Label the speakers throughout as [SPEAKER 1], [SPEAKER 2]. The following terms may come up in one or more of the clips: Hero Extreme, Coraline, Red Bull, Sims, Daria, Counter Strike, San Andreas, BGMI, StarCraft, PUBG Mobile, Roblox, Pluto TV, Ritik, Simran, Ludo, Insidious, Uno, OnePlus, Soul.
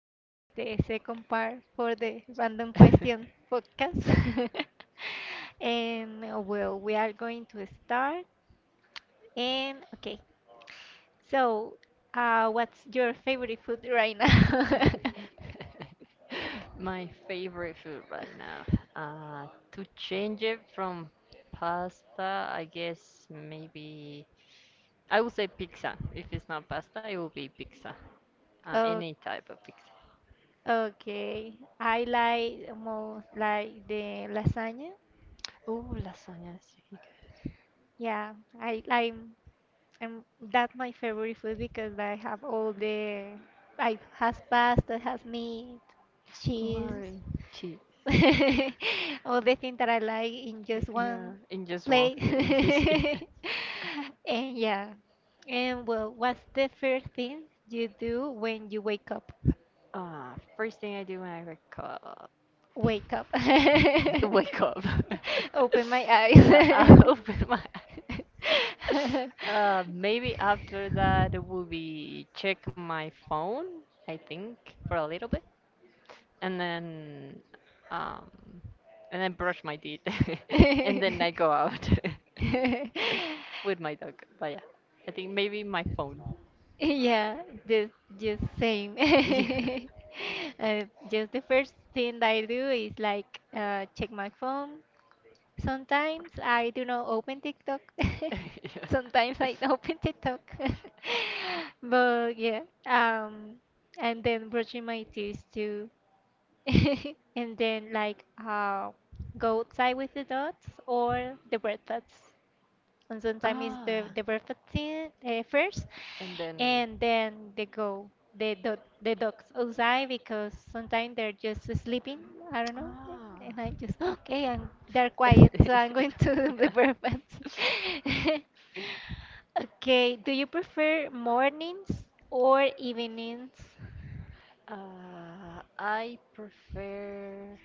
[SPEAKER 1] This is the second part for the random question podcast. We are going to start. And okay, so What's your favorite food right now?
[SPEAKER 2] My favorite food right now. Uh, to change it from pasta, I guess maybe I would say pizza. If it's not pasta, it will be pizza. Uh,
[SPEAKER 1] Oh,
[SPEAKER 2] any type of pizza.
[SPEAKER 1] okay. I like most like the lasagna.
[SPEAKER 2] Oh, lasagna is really good.
[SPEAKER 1] Yeah, I like and that's my favorite food because I have all the I has pasta, has meat,
[SPEAKER 2] Oh,
[SPEAKER 1] cheese,
[SPEAKER 2] cheese.
[SPEAKER 1] all the things that I like in just
[SPEAKER 2] Y-
[SPEAKER 1] one
[SPEAKER 2] Yeah, in just one
[SPEAKER 1] plate.
[SPEAKER 2] plate.
[SPEAKER 1] and yeah, and well, What's the first thing you do when you wake up?
[SPEAKER 2] First thing I do when I wake up.
[SPEAKER 1] Wake up.
[SPEAKER 2] Wake up.
[SPEAKER 1] Open my
[SPEAKER 2] I
[SPEAKER 1] eyes.
[SPEAKER 2] open my. Uh, maybe after that it will be check my phone, I think, for a little bit. and then um and then brush my teeth and then I go out with my dog. But yeah, I think maybe my phone.
[SPEAKER 1] Yeah, just just same.
[SPEAKER 2] Yeah.
[SPEAKER 1] Just the first thing that I do is check my phone. Sometimes I do not open TikTok. Sometimes
[SPEAKER 2] Yeah.
[SPEAKER 1] I open TikTok. But yeah, um, and then brushing my teeth too, and then go outside with the dogs or the bird thoughts. And sometimes it's the
[SPEAKER 2] Ah,
[SPEAKER 1] the perfect thing first,
[SPEAKER 2] and then.
[SPEAKER 1] and then they go the dog, the dogs outside because sometimes they're just sleeping. I don't know,
[SPEAKER 2] Ah.
[SPEAKER 1] and I just okay, and they're quiet, so I'm going to the
[SPEAKER 2] Yeah.
[SPEAKER 1] breakfast. Okay, do you prefer mornings or evenings?
[SPEAKER 2] I prefer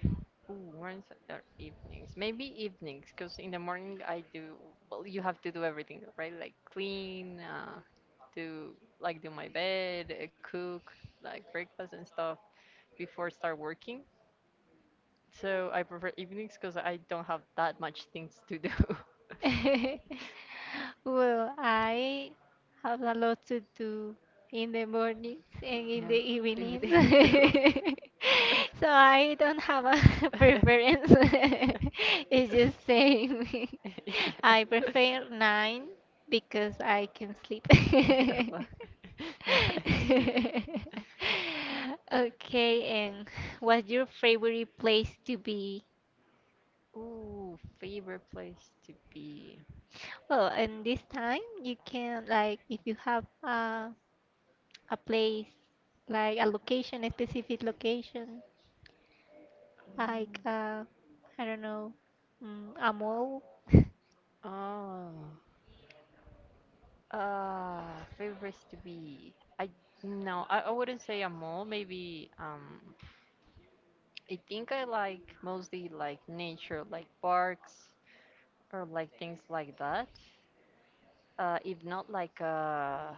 [SPEAKER 2] mornings or evenings. Maybe evenings, because in the morning I do, well, you have to do everything, right? Like clean, do do my bed, cook, like breakfast and stuff before start working. So I prefer evenings because I don't have that much things to do.
[SPEAKER 1] Well, I have a lot to do in the mornings and
[SPEAKER 2] Yeah,
[SPEAKER 1] in the evenings.
[SPEAKER 2] evenings too.
[SPEAKER 1] So I don't have a preference. It's just same.
[SPEAKER 2] Yeah.
[SPEAKER 1] I prefer nine because I can sleep.
[SPEAKER 2] Well, that's true.
[SPEAKER 1] Okay, and what's your favorite place to be?
[SPEAKER 2] Ooh, favorite place to be.
[SPEAKER 1] Well, and this time you can like if you have a place like a location, a specific location, like
[SPEAKER 2] Mm.
[SPEAKER 1] uh, I don't know, mm, a mall.
[SPEAKER 2] Oh. Uh, favorites to be. I no, I wouldn't say a mall. Maybe I think I like mostly like nature, like parks or like things like that. If not like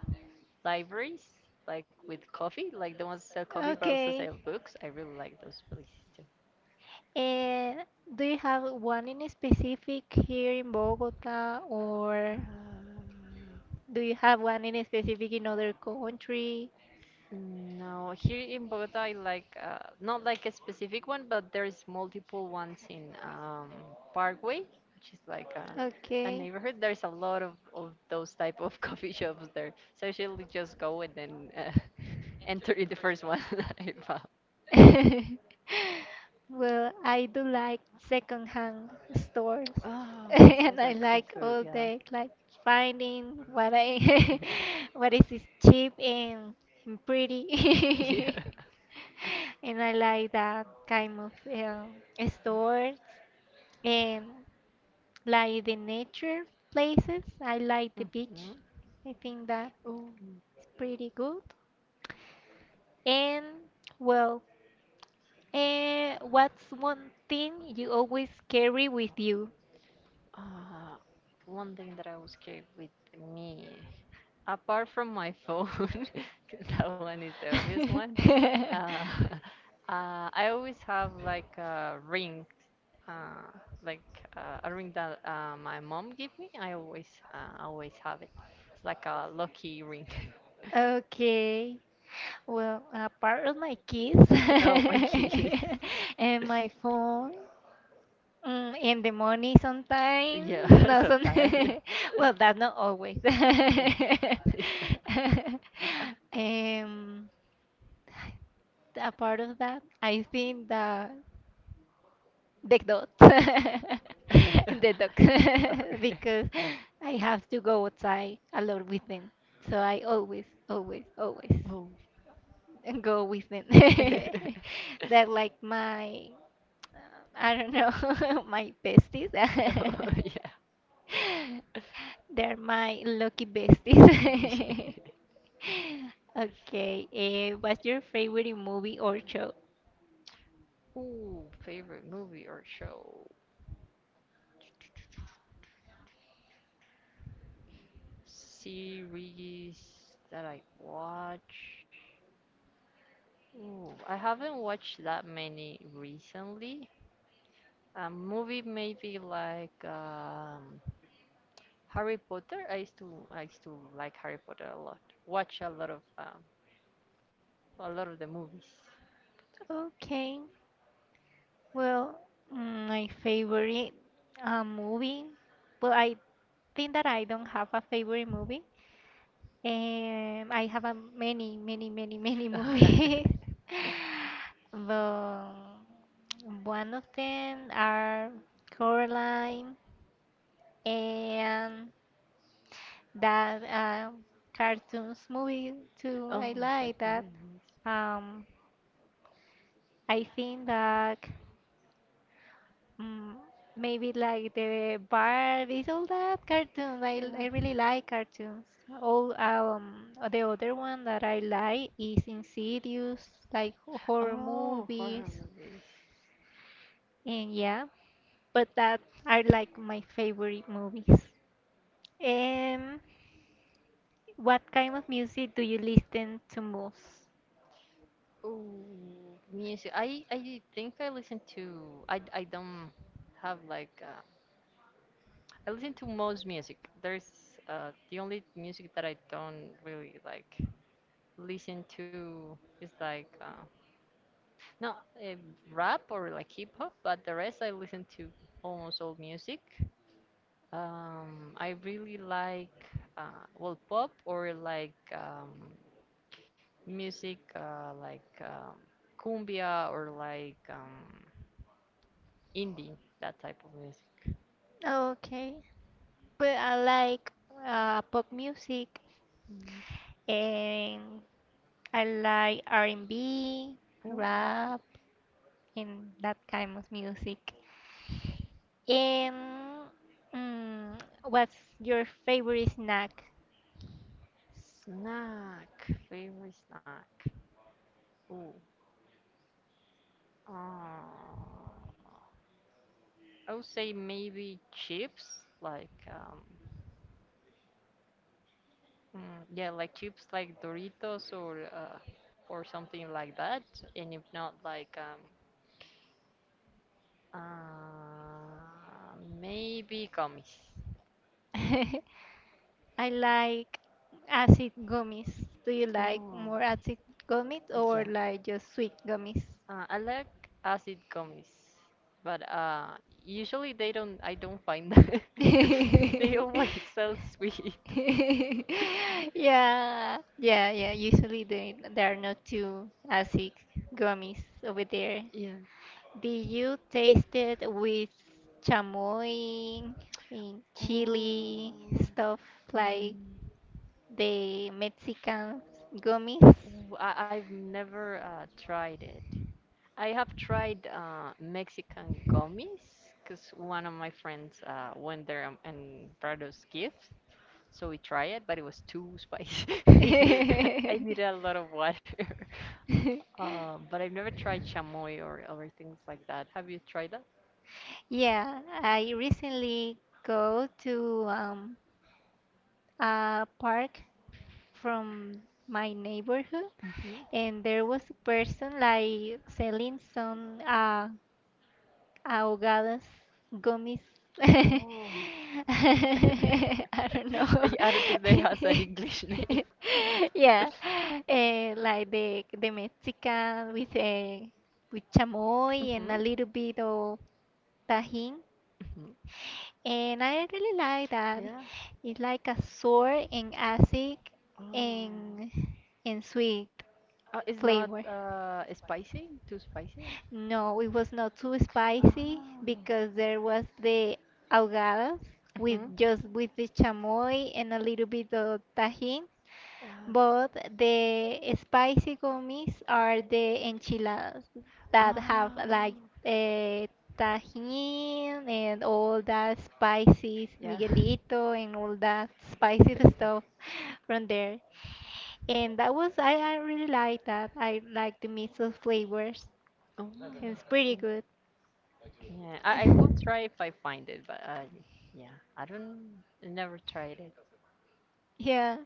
[SPEAKER 2] libraries, like with coffee, like the ones that sell coffee but also
[SPEAKER 1] Okay.
[SPEAKER 2] sell books. I really like those places too.
[SPEAKER 1] And do you have one in specific here in Bogota, or
[SPEAKER 2] Um,
[SPEAKER 1] do you have one in specific in other country?
[SPEAKER 2] No, here in Bogota, I like not like a specific one, but there's multiple ones in Parkway, which is like a
[SPEAKER 1] Okay.
[SPEAKER 2] neighborhood. There's a lot of those type of coffee shops there, so I usually just go and then enter in the first one that I found.
[SPEAKER 1] Well, I do like secondhand stores,
[SPEAKER 2] Oh, those
[SPEAKER 1] and
[SPEAKER 2] ones
[SPEAKER 1] I
[SPEAKER 2] are cool
[SPEAKER 1] like
[SPEAKER 2] too.
[SPEAKER 1] all
[SPEAKER 2] Yeah,
[SPEAKER 1] the like finding what I what is cheap and pretty,
[SPEAKER 2] yeah.
[SPEAKER 1] and I like that kind of stores and like the nature places. I like the beach.
[SPEAKER 2] Mhm.
[SPEAKER 1] I think that's
[SPEAKER 2] Ooh.
[SPEAKER 1] pretty good. And well, what's one thing you always carry with you?
[SPEAKER 2] Uh, one thing that I was carried with me, apart from my phone, 'cause that one is the obvious one. Uh, I always have uh, like a ring that my mom gave me. I always, always have it. It's like a lucky ring.
[SPEAKER 1] Okay. Well, a part of my keys
[SPEAKER 2] Oh, okay.
[SPEAKER 1] and my phone mm, and the money sometimes.
[SPEAKER 2] Yeah,
[SPEAKER 1] No, some
[SPEAKER 2] sometimes.
[SPEAKER 1] well, that's not always.
[SPEAKER 2] Yeah.
[SPEAKER 1] Um, a part of that, I think that the dog, the dog,
[SPEAKER 2] Okay.
[SPEAKER 1] because I have to go outside a lot with them. So I always, always, always
[SPEAKER 2] Oh.
[SPEAKER 1] go with them. They're like my, I don't know, my besties.
[SPEAKER 2] Oh, yeah.
[SPEAKER 1] They're my lucky
[SPEAKER 2] Yeah.
[SPEAKER 1] besties. Okay, what's your favorite movie or show?
[SPEAKER 2] Ooh, favorite movie or show? Series that I watch? Ooh, I haven't watched that many recently. A movie maybe like Harry Potter. I used to like Harry Potter a lot. Watch a lot of the movies.
[SPEAKER 1] Okay. Well, mm, my favorite movie. Well, I think that I don't have a favorite movie. I have a many, many, many, many movies. But one of them are Coraline and that cartoons movie too. I
[SPEAKER 2] Oh, God
[SPEAKER 1] like
[SPEAKER 2] damn
[SPEAKER 1] that.
[SPEAKER 2] it.
[SPEAKER 1] Um, I think that mm, maybe like the Barbies, all that cartoons.
[SPEAKER 2] Yeah.
[SPEAKER 1] I really like cartoons. All the other one that I like is Insidious, like horror
[SPEAKER 2] Oh, horror
[SPEAKER 1] movies,
[SPEAKER 2] movies.
[SPEAKER 1] and yeah. But that are like my favorite movies. Um, what kind of music do you listen to most?
[SPEAKER 2] Oh, music. I think I listen to. I don't have like. I listen to most music. There's the only music that I don't really like listen to is like no rap or like hip hop, but the rest I listen to almost all music. I really like well pop or like music like cumbia or like indie, that type of music.
[SPEAKER 1] Okay, but I like pop music
[SPEAKER 2] Mm.
[SPEAKER 1] and I like R&B,
[SPEAKER 2] Ooh,
[SPEAKER 1] rap in that kind of music. And mm, what's your favorite snack?
[SPEAKER 2] snack, favorite snack. Ooh, uh, I would say maybe chips, like mm, yeah, like chips like Doritos or something like that. And if not, like Uh, maybe gummies.
[SPEAKER 1] I like acid gummies. Do you like
[SPEAKER 2] Oh,
[SPEAKER 1] more acid gummies
[SPEAKER 2] yeah.
[SPEAKER 1] or like just sweet gummies?
[SPEAKER 2] I like acid gummies, but usually they don't. I don't find them. They always sell sweet.
[SPEAKER 1] Yeah, yeah, yeah. Usually they are not too acid gummies over there.
[SPEAKER 2] Yeah.
[SPEAKER 1] Did you taste it with chamoy and chili
[SPEAKER 2] Oh.
[SPEAKER 1] stuff like
[SPEAKER 2] mm,
[SPEAKER 1] the Mexican gummies?
[SPEAKER 2] I've never tried it. I have tried Mexican gummies because one of my friends went there and brought us gifts. So we tried it, but it was too spicy. I needed a lot of water. But I've never tried chamoy or things like that. Have you tried that?
[SPEAKER 1] Yeah, I recently go to a park from my neighborhood,
[SPEAKER 2] Hmm.
[SPEAKER 1] and there was a person like selling some Ahogadas, gummies. I
[SPEAKER 2] Oh.
[SPEAKER 1] don't know.
[SPEAKER 2] I don't think they has an English name.
[SPEAKER 1] Yeah, like the Mexican with a with chamoy and
[SPEAKER 2] Hmm.
[SPEAKER 1] a little bit of tajin,
[SPEAKER 2] Hmm.
[SPEAKER 1] and I really like that.
[SPEAKER 2] Yeah.
[SPEAKER 1] It's like a sour and acid
[SPEAKER 2] Oh.
[SPEAKER 1] and and sweet
[SPEAKER 2] It's not
[SPEAKER 1] flavor.
[SPEAKER 2] spicy? Too spicy?
[SPEAKER 1] No, it was not too spicy
[SPEAKER 2] Oh.
[SPEAKER 1] because there was the ahogadas with
[SPEAKER 2] Mhm. Yeah.
[SPEAKER 1] just with the
[SPEAKER 2] Oh.
[SPEAKER 1] chamoy and a little bit of tajín. But the spicy gummies are the enchiladas that have like uh,
[SPEAKER 2] Yeah.
[SPEAKER 1] tajín and all that spices, Miguelito and all that spicy stuff from there. And that was I really like that. I like the mix of flavors.
[SPEAKER 2] Oh.
[SPEAKER 1] It's pretty good.
[SPEAKER 2] Yeah. I will try if I find it, but yeah, I don't never tried it.
[SPEAKER 1] Yeah,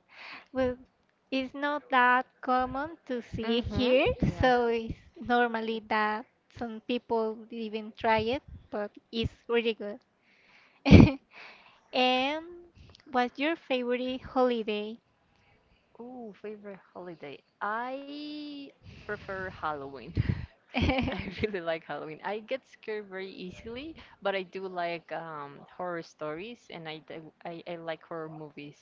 [SPEAKER 1] well, it's not that common to see it
[SPEAKER 2] Mhm.
[SPEAKER 1] here,
[SPEAKER 2] Yeah.
[SPEAKER 1] so it's normally that some people even try it, but it's really good. And what's your favorite holiday?
[SPEAKER 2] Oh, favorite holiday. I prefer Halloween. I really like Halloween. I get scared very easily, but I do like horror stories and I like horror movies.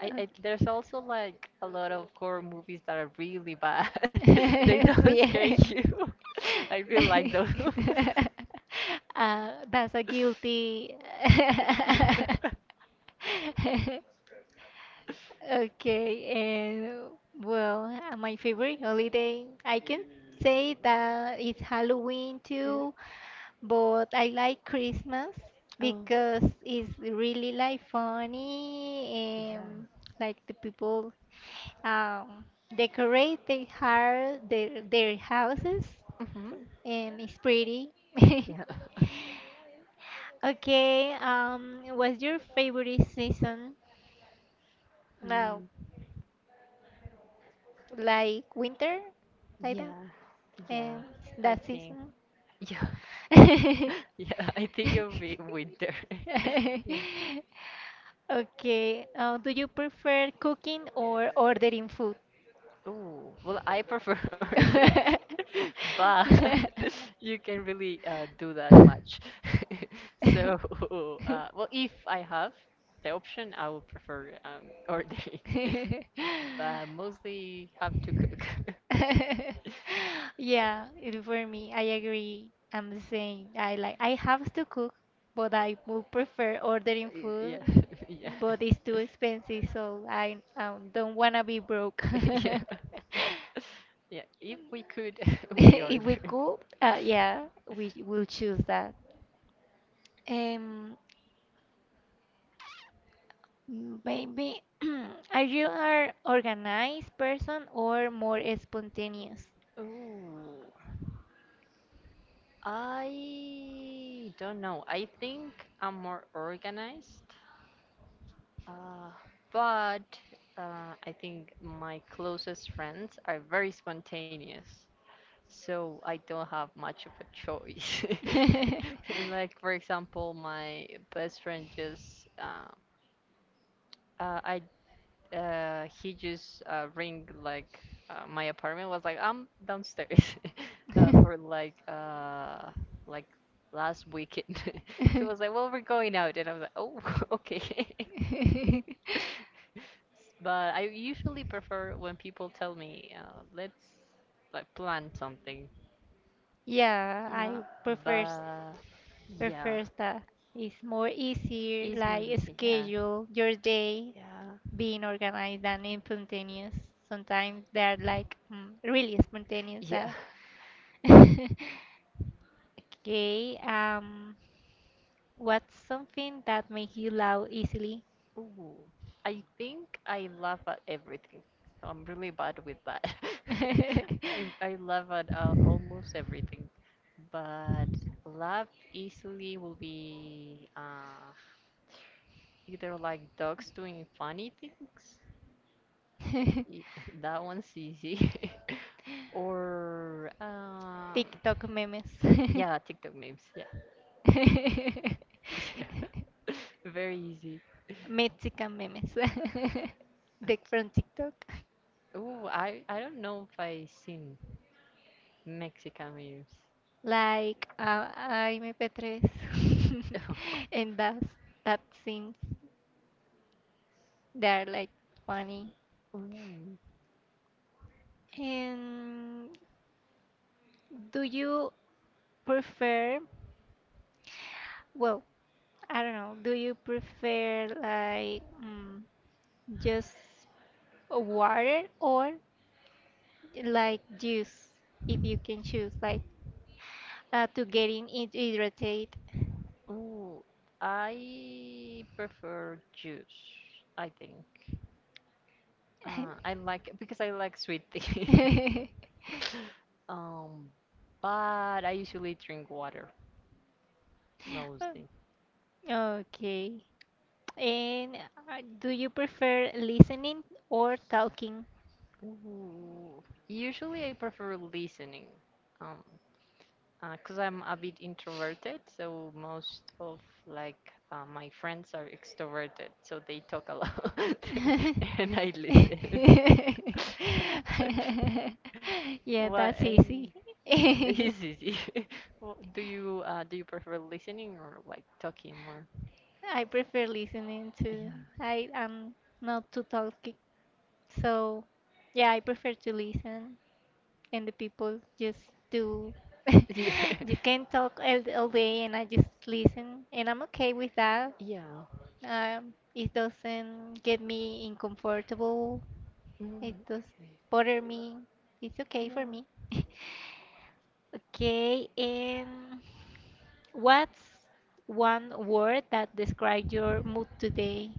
[SPEAKER 2] There's also like a lot of horror movies that are really bad. They don't scare
[SPEAKER 1] Okay.
[SPEAKER 2] you. I really like
[SPEAKER 1] Sí.
[SPEAKER 2] those.
[SPEAKER 1] Ah, that's a guilty.
[SPEAKER 2] Yeah.
[SPEAKER 1] Okay, and well, my favorite holiday, I can say that it's Halloween
[SPEAKER 2] Yeah.
[SPEAKER 1] too, but I like Christmas
[SPEAKER 2] Oh.
[SPEAKER 1] because it's really like funny
[SPEAKER 2] Yeah.
[SPEAKER 1] and like the people um, decorate their, their houses
[SPEAKER 2] Mm-hmm.
[SPEAKER 1] and it's pretty.
[SPEAKER 2] Yeah.
[SPEAKER 1] Okay, what's your favorite season? Well,
[SPEAKER 2] Mm,
[SPEAKER 1] like winter, like that,
[SPEAKER 2] yeah. Yeah.
[SPEAKER 1] and
[SPEAKER 2] I
[SPEAKER 1] that
[SPEAKER 2] think.
[SPEAKER 1] season.
[SPEAKER 2] Yeah. Yeah. I think it'll be winter. Yeah.
[SPEAKER 1] Okay. Do you prefer cooking or ordering food?
[SPEAKER 2] Ooh, well, I prefer already, but you can really do that much. So, well, if I have the option, I would prefer already, but mostly have to cook.
[SPEAKER 1] Yeah, it- for me, I agree. I'm the same. I like I have to cook, but I would prefer ordering
[SPEAKER 2] Y-
[SPEAKER 1] food,
[SPEAKER 2] Yeah, yeah,
[SPEAKER 1] but it's too expensive, so I don't wanna be broke.
[SPEAKER 2] yeah, yeah. If we could, we order.
[SPEAKER 1] If we could, yeah, we will choose that. Um, Maybe are you an organized person or more spontaneous?
[SPEAKER 2] Ooh. I don't know. I think I'm more organized, uh, but I think my closest friends are very spontaneous, so I don't have much of a choice. Like, for example, my best friend just, I he just ring, like my apartment, was like, I'm downstairs for like like last weekend. He was like, well, we're going out, and I was like, oh, okay. But I usually prefer when people tell me let's like plan something.
[SPEAKER 1] Yeah, I
[SPEAKER 2] Yeah,
[SPEAKER 1] prefers
[SPEAKER 2] but yeah,
[SPEAKER 1] prefers that. It's more easier,
[SPEAKER 2] it's more
[SPEAKER 1] like
[SPEAKER 2] easy, yeah,
[SPEAKER 1] schedule your day
[SPEAKER 2] yeah,
[SPEAKER 1] being organized than spontaneous. Sometimes they're like mm, really spontaneous.
[SPEAKER 2] yeah.
[SPEAKER 1] That okay. What's something that makes you laugh easily?
[SPEAKER 2] Ooh, I think I laugh at everything. So I'm really bad with that. I laugh at almost everything, but laugh easily will be either like dogs doing funny things. y- That one's easy. Or
[SPEAKER 1] TikTok memes.
[SPEAKER 2] yeah, TikTok memes. Yeah. Yeah. Very easy.
[SPEAKER 1] Mexican memes. De from TikTok.
[SPEAKER 2] Ooh, I don't know if I seen Mexican memes.
[SPEAKER 1] Like I me Petres and that's that seems they're like funny.
[SPEAKER 2] Mm.
[SPEAKER 1] And do you prefer well, I don't know, do you prefer like mm, just water or like juice if you can choose like to getting it hydrated?
[SPEAKER 2] Oh, I prefer juice, I think. I like because I like sweet tea. Um, but I usually drink water
[SPEAKER 1] Oh,
[SPEAKER 2] mostly.
[SPEAKER 1] okay. And do you prefer listening or talking?
[SPEAKER 2] Ooh. Usually I prefer listening. Um, because 'cause I'm a bit introverted, so most of, like, my friends are extroverted, so they talk a lot, and I listen.
[SPEAKER 1] Yeah,
[SPEAKER 2] What
[SPEAKER 1] that's
[SPEAKER 2] And
[SPEAKER 1] easy.
[SPEAKER 2] yeah, it's easy. Well, do you prefer listening or like talking more?
[SPEAKER 1] I prefer listening to
[SPEAKER 2] Yeah.
[SPEAKER 1] I am not too talking. So, yeah, I prefer to listen. And the people just do
[SPEAKER 2] Yeah.
[SPEAKER 1] you can talk all day and I just listen and I'm okay with that.
[SPEAKER 2] Yeah.
[SPEAKER 1] It doesn't get me uncomfortable. It does
[SPEAKER 2] Okay.
[SPEAKER 1] bother me. It's
[SPEAKER 2] You
[SPEAKER 1] okay for
[SPEAKER 2] know,
[SPEAKER 1] me. Okay, and what's one word that describes your mood today?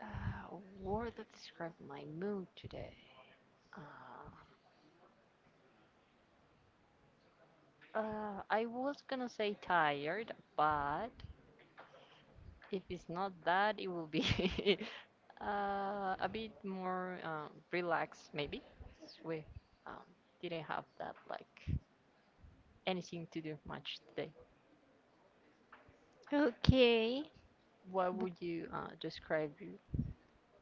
[SPEAKER 2] uh, a word that describes my mood today. Uh, I was gonna say tired, but if it's not that, it will be uh, a bit more relaxed, maybe. We um, didn't have that like anything to do much today.
[SPEAKER 1] Okay.
[SPEAKER 2] What would you describe your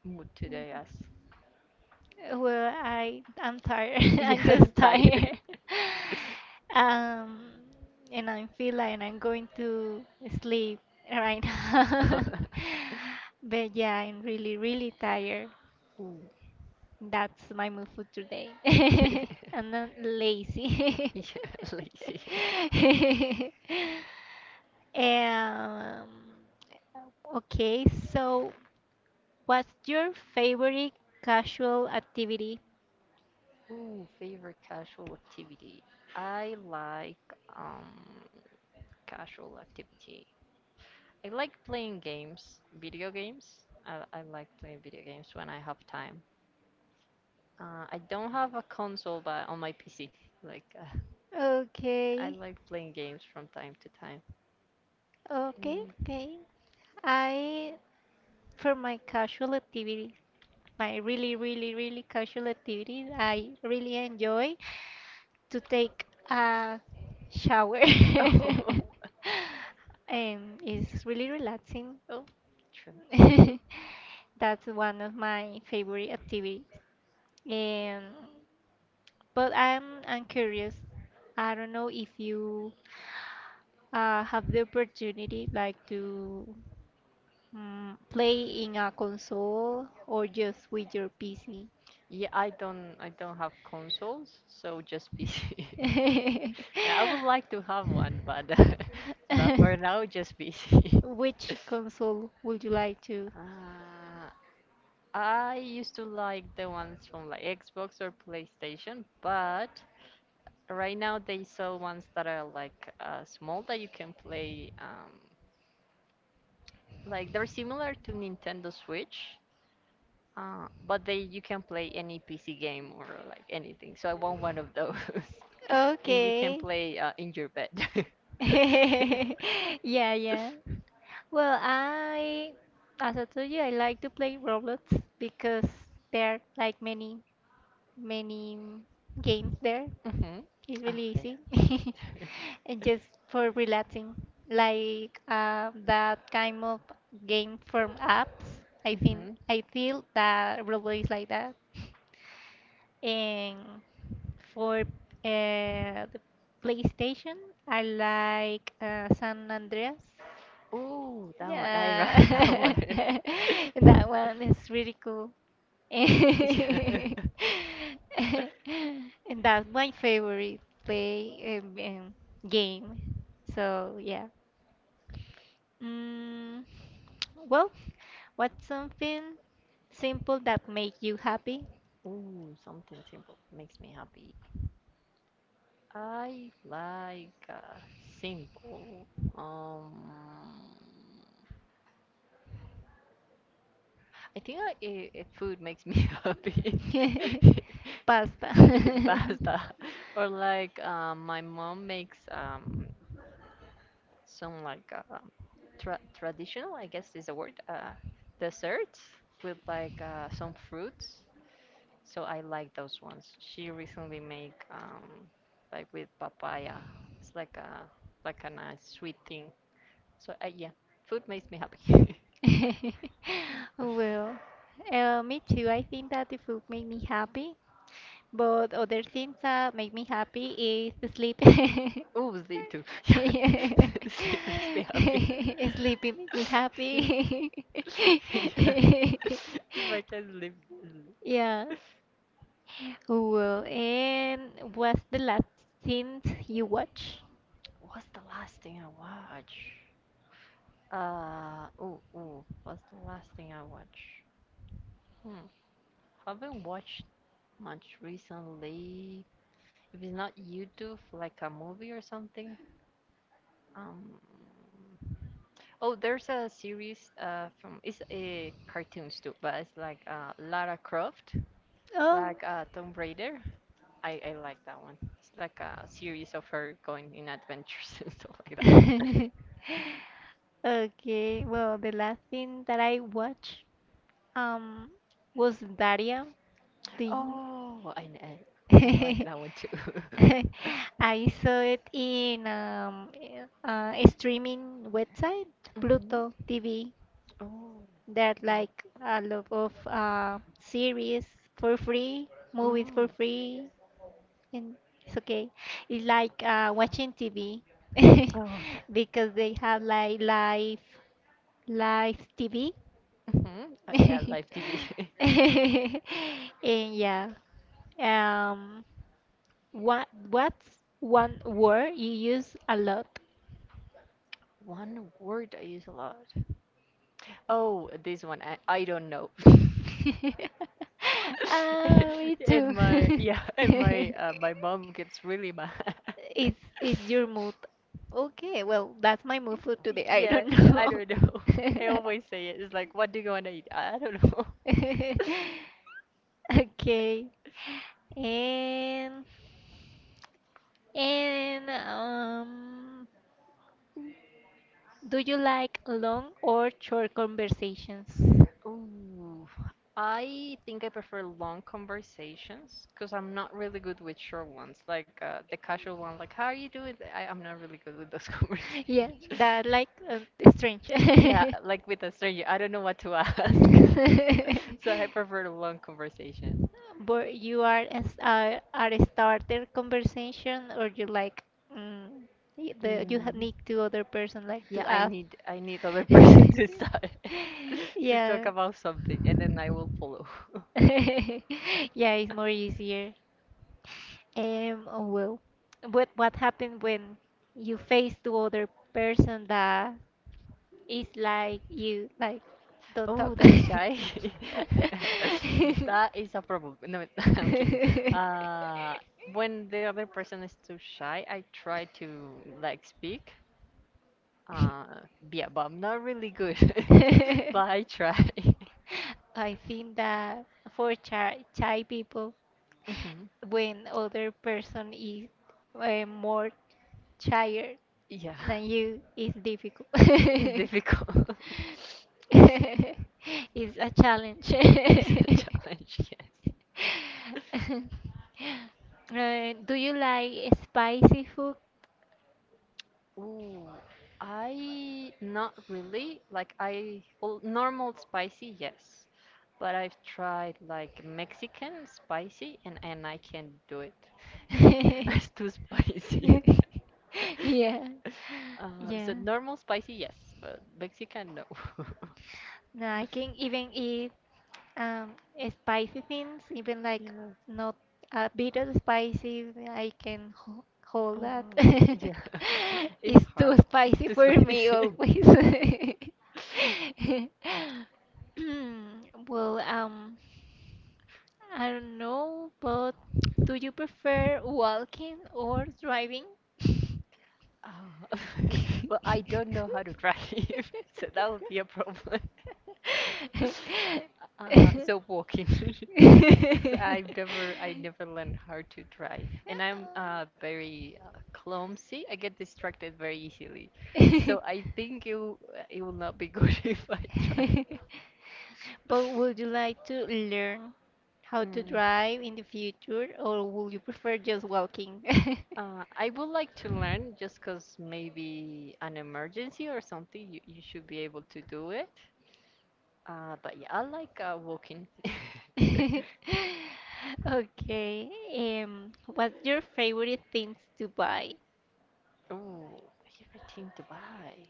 [SPEAKER 2] mood today as?
[SPEAKER 1] Well, I I'm tired. I'm
[SPEAKER 2] Yeah,
[SPEAKER 1] just
[SPEAKER 2] tired.
[SPEAKER 1] tired. Um, and I feel like I'm going to sleep right now. But yeah, I'm really, really tired.
[SPEAKER 2] Ooh.
[SPEAKER 1] That's my mood for today. I'm not lazy.
[SPEAKER 2] Yeah, lazy.
[SPEAKER 1] Um, okay, so what's your favorite casual activity?
[SPEAKER 2] Oh, favorite casual activity. I like um casual activity. I like playing games, video games. I like playing video games when I have time. I don't have a console, but on my PC, like I
[SPEAKER 1] Okay.
[SPEAKER 2] like playing games from time to time.
[SPEAKER 1] Okay,
[SPEAKER 2] Mm,
[SPEAKER 1] okay. I, for my casual activity, my really, really, really casual activity, I really enjoy to take a shower.
[SPEAKER 2] Oh,
[SPEAKER 1] And it's really relaxing.
[SPEAKER 2] oh, true.
[SPEAKER 1] That's one of my favorite activities. And but I'm curious. I don't know if you have the opportunity like to mm, play in a console or just with your PC?
[SPEAKER 2] Yeah, I don't have consoles, so just PC. Yeah, I would like to have one, but but for now just PC.
[SPEAKER 1] Which console would you like to?
[SPEAKER 2] Uh, I used to like the ones from like Xbox or PlayStation, but right now they sell ones that are like small that you can play. Like they're similar to Nintendo Switch. But they you can play any PC game or like anything. So I want one of those, and you can
[SPEAKER 1] Okay.
[SPEAKER 2] play in your bed.
[SPEAKER 1] Yeah, yeah. Well, I, as I told you, I like to play Roblox because there are like many, many games there.
[SPEAKER 2] Hmm.
[SPEAKER 1] It's
[SPEAKER 2] Oh,
[SPEAKER 1] really easy.
[SPEAKER 2] yeah.
[SPEAKER 1] and just for relaxing, like that kind of game from apps. I think
[SPEAKER 2] Mhm.
[SPEAKER 1] I feel that Roblox is like that. And for the PlayStation, I like San Andreas.
[SPEAKER 2] Ooh, that one. I love
[SPEAKER 1] Yeah,
[SPEAKER 2] that one.
[SPEAKER 1] that one is really cool.
[SPEAKER 2] Yeah.
[SPEAKER 1] And that's my favorite play game. So yeah. Mm, well, what's something simple that make you happy?
[SPEAKER 2] Ooh, something simple makes me happy. I like simple. Um, I think food makes me happy.
[SPEAKER 1] Pasta.
[SPEAKER 2] Pasta, or like my mom makes some like traditional, I guess is the word, desserts with like some fruits. So I like those ones. She recently make like with papaya. It's like a nice sweet thing. So yeah, food makes me happy.
[SPEAKER 1] Well, me too. I think that the food make me happy, but other things that make me happy is the sleep.
[SPEAKER 2] Oh, sleep too. Yeah,
[SPEAKER 1] Yeah.
[SPEAKER 2] sleep makes me happy.
[SPEAKER 1] Sleeping make me happy.
[SPEAKER 2] Yeah, if I can sleep. Sleep.
[SPEAKER 1] Yeah. Cool. And what's the last thing you watch?
[SPEAKER 2] What's the last thing I watch? Oh, oh, what's the last thing I watch? Hmm. Haven't watched much recently. If it's not YouTube, like a movie or something. Um, oh, there's a series from, it's a cartoons too, but it's like Lara Croft,
[SPEAKER 1] Oh.
[SPEAKER 2] like Tomb Raider. I like that one. It's like a series of her going in adventures and stuff like that.
[SPEAKER 1] Okay. Well, the last thing that I watched um was Daria. Do you?
[SPEAKER 2] Oh, I like that one too.
[SPEAKER 1] I saw it in a streaming website, Pluto
[SPEAKER 2] Mhm.
[SPEAKER 1] TV.
[SPEAKER 2] Oh,
[SPEAKER 1] There are
[SPEAKER 2] yeah.
[SPEAKER 1] like a lot of series for free, movies for
[SPEAKER 2] Mm.
[SPEAKER 1] free. And it's okay. It's like watching TV
[SPEAKER 2] Oh, yeah.
[SPEAKER 1] because they have like live TV.
[SPEAKER 2] Mhm. Yeah, live TV.
[SPEAKER 1] And yeah, um, what what's one word you use a lot?
[SPEAKER 2] One word I use a lot. Oh, this one. I don't know.
[SPEAKER 1] Ah, me
[SPEAKER 2] And
[SPEAKER 1] too.
[SPEAKER 2] my, yeah, and my uh, my mom gets really mad.
[SPEAKER 1] It's your mood. Okay, well, that's my mood for today. I
[SPEAKER 2] Yeah,
[SPEAKER 1] don't
[SPEAKER 2] yeah, I
[SPEAKER 1] know.
[SPEAKER 2] don't know. I always say it. It's like, what do you want to eat? I don't know.
[SPEAKER 1] Okay. And and um do you like long or short conversations?
[SPEAKER 2] Ooh, I think I prefer long conversations because I'm not really good with short ones, like the casual one, like "How are you doing?" I'm not really good with those
[SPEAKER 1] Yeah,
[SPEAKER 2] conversations.
[SPEAKER 1] that like strange.
[SPEAKER 2] Yeah, like with a stranger, I don't know what to ask, so I prefer long conversations.
[SPEAKER 1] But you are a, s- are a starter conversation or you like mm, y- the you ha-
[SPEAKER 2] Mm,
[SPEAKER 1] need to other person like to
[SPEAKER 2] yeah, I
[SPEAKER 1] ask.
[SPEAKER 2] need I need other person to start to talk
[SPEAKER 1] Yeah.
[SPEAKER 2] about something, and then I will follow.
[SPEAKER 1] Yeah, it's more easier. Oh, well, what happened when you face to other person that is like you, like don't
[SPEAKER 2] Oh,
[SPEAKER 1] talk.
[SPEAKER 2] that is shy. That is a problem. No, I'm kidding. Uh, when the other person is too shy, I try to like speak. Uh, yeah, but I'm not really good. But I try.
[SPEAKER 1] I think that for shy, shy people,
[SPEAKER 2] Hmm.
[SPEAKER 1] when other person is more tired
[SPEAKER 2] Yeah,
[SPEAKER 1] than you it's difficult
[SPEAKER 2] it's difficult. Yes.
[SPEAKER 1] it's a challenge
[SPEAKER 2] It's a challenge, yes.
[SPEAKER 1] Do you like spicy food
[SPEAKER 2] Ooh, I not really. Like I well, normal spicy, yes. But I've tried like Mexican spicy and I can't do it. It's too spicy.
[SPEAKER 1] yeah
[SPEAKER 2] So
[SPEAKER 1] yeah
[SPEAKER 2] normal spicy, yes, but Mexican, no.
[SPEAKER 1] no I can even eat Um, spicy things, even like
[SPEAKER 2] Yeah.
[SPEAKER 1] not a bit of spicy, I can ho hold
[SPEAKER 2] Oh,
[SPEAKER 1] that.
[SPEAKER 2] yeah. It's
[SPEAKER 1] It's too
[SPEAKER 2] hard. It's
[SPEAKER 1] spicy
[SPEAKER 2] too
[SPEAKER 1] for me
[SPEAKER 2] spicy.
[SPEAKER 1] always. Well, I don't know, but do you prefer walking or driving?
[SPEAKER 2] Oh, well, I don't know how to drive, so that would be a problem. So walking, because I never learned how to drive, and I'm very clumsy. I get distracted very easily, so I think it will not be good if I try.
[SPEAKER 1] But would you like to learn how to
[SPEAKER 2] Mm.
[SPEAKER 1] drive in the future, or would you prefer just walking?
[SPEAKER 2] I would like to learn just because maybe an emergency or something, you should be able to do it. But yeah, I like walking.
[SPEAKER 1] Okay, what's your favorite things to buy?
[SPEAKER 2] Ooh, favorite thing to buy.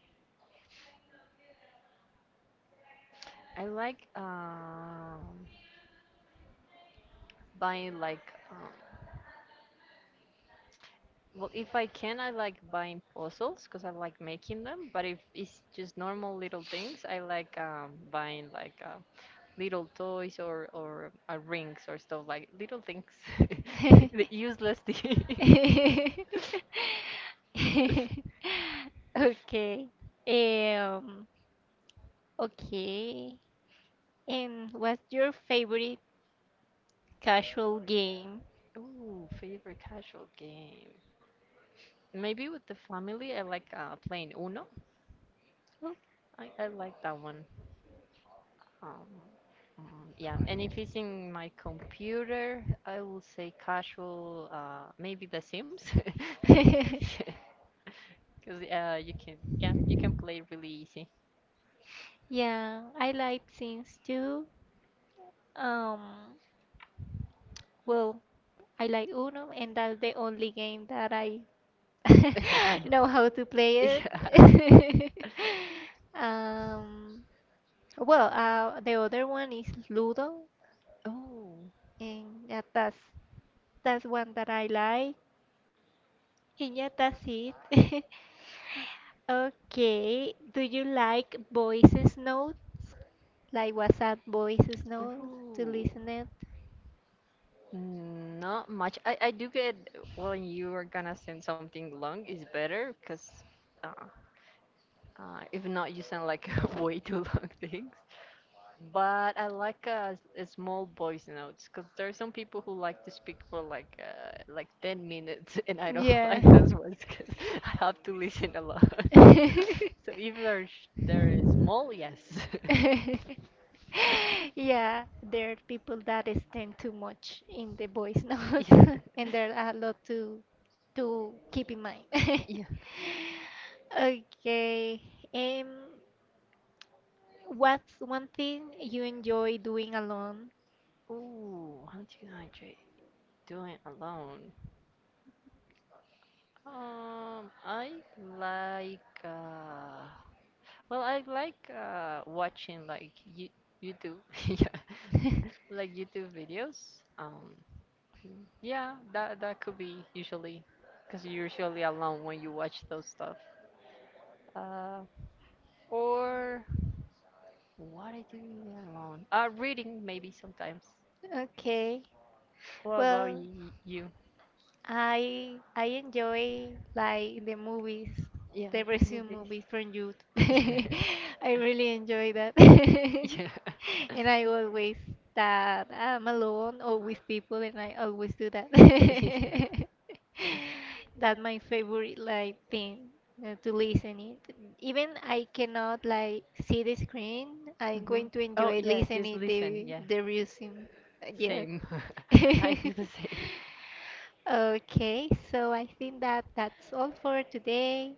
[SPEAKER 2] I like buying like um, well, if I can, I like buying puzzles because I like making them. But if it's just normal little things, I like buying like little toys or rings or stuff like little things, the useless things.
[SPEAKER 1] Okay. Um, okay. And what's your favorite casual game?
[SPEAKER 2] Ooh, favorite casual game. Maybe with the family, I like playing Uno.
[SPEAKER 1] Oh.
[SPEAKER 2] I like that one. Um, yeah, and if it's in my computer, I will say casual, maybe The Sims. Because you can, yeah, you can play really easy.
[SPEAKER 1] Yeah, I like Sims too. Um, well, I like Uno, and that's the only game that I know how to play
[SPEAKER 2] Yeah.
[SPEAKER 1] it. Um, well, the other one is Ludo.
[SPEAKER 2] Oh,
[SPEAKER 1] And yeah, that's one that I like. And yeah, that's it. Okay. Do you like voices notes? Like WhatsApp voices notes to
[SPEAKER 2] oh,
[SPEAKER 1] listen it?
[SPEAKER 2] Not much. I do get when you are gonna send something long is better because uh, if not, you sound like way too long things. But I like small voice notes because there are some people who like to speak for like 10 minutes, and I don't
[SPEAKER 1] Yeah.
[SPEAKER 2] like those ones because I have to listen a lot. So if they're sh- they're small, yes.
[SPEAKER 1] Yeah, there are people that stand too much in the voice
[SPEAKER 2] Yeah.
[SPEAKER 1] notes, and there are a lot to keep in mind.
[SPEAKER 2] Yeah.
[SPEAKER 1] Okay, um, what's one thing you enjoy doing alone?
[SPEAKER 2] Ooh, how do you hydrate? Doing alone. I like uh, well, I like watching like YouTube, yeah, like YouTube videos. Um, yeah, that could be usually, because you're usually alone when you watch those stuff. Uh, or what I do alone? Reading maybe sometimes.
[SPEAKER 1] Okay,
[SPEAKER 2] What about
[SPEAKER 1] well.
[SPEAKER 2] y you?
[SPEAKER 1] I enjoy like the movies,
[SPEAKER 2] Yeah,
[SPEAKER 1] the recent
[SPEAKER 2] movies.
[SPEAKER 1] movies from youth. I really enjoy that.
[SPEAKER 2] Yeah,
[SPEAKER 1] And I always that I'm alone or with people and I always do that.
[SPEAKER 2] yeah.
[SPEAKER 1] That's my favorite like thing to listen it. Even I cannot like see the screen, I'm
[SPEAKER 2] Mhm.
[SPEAKER 1] going to
[SPEAKER 2] Oh
[SPEAKER 1] enjoy
[SPEAKER 2] yeah, just
[SPEAKER 1] listening the
[SPEAKER 2] listen. Yeah,
[SPEAKER 1] the resume. Yeah.
[SPEAKER 2] same. I do the same.
[SPEAKER 1] Okay, so I think that that's all for today.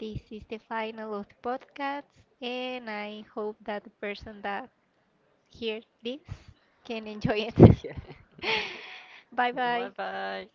[SPEAKER 1] This is the final of the podcast, and I hope that the person that hears this can enjoy it.
[SPEAKER 2] Yeah.
[SPEAKER 1] Bye
[SPEAKER 2] Bye
[SPEAKER 1] bye.
[SPEAKER 2] bye.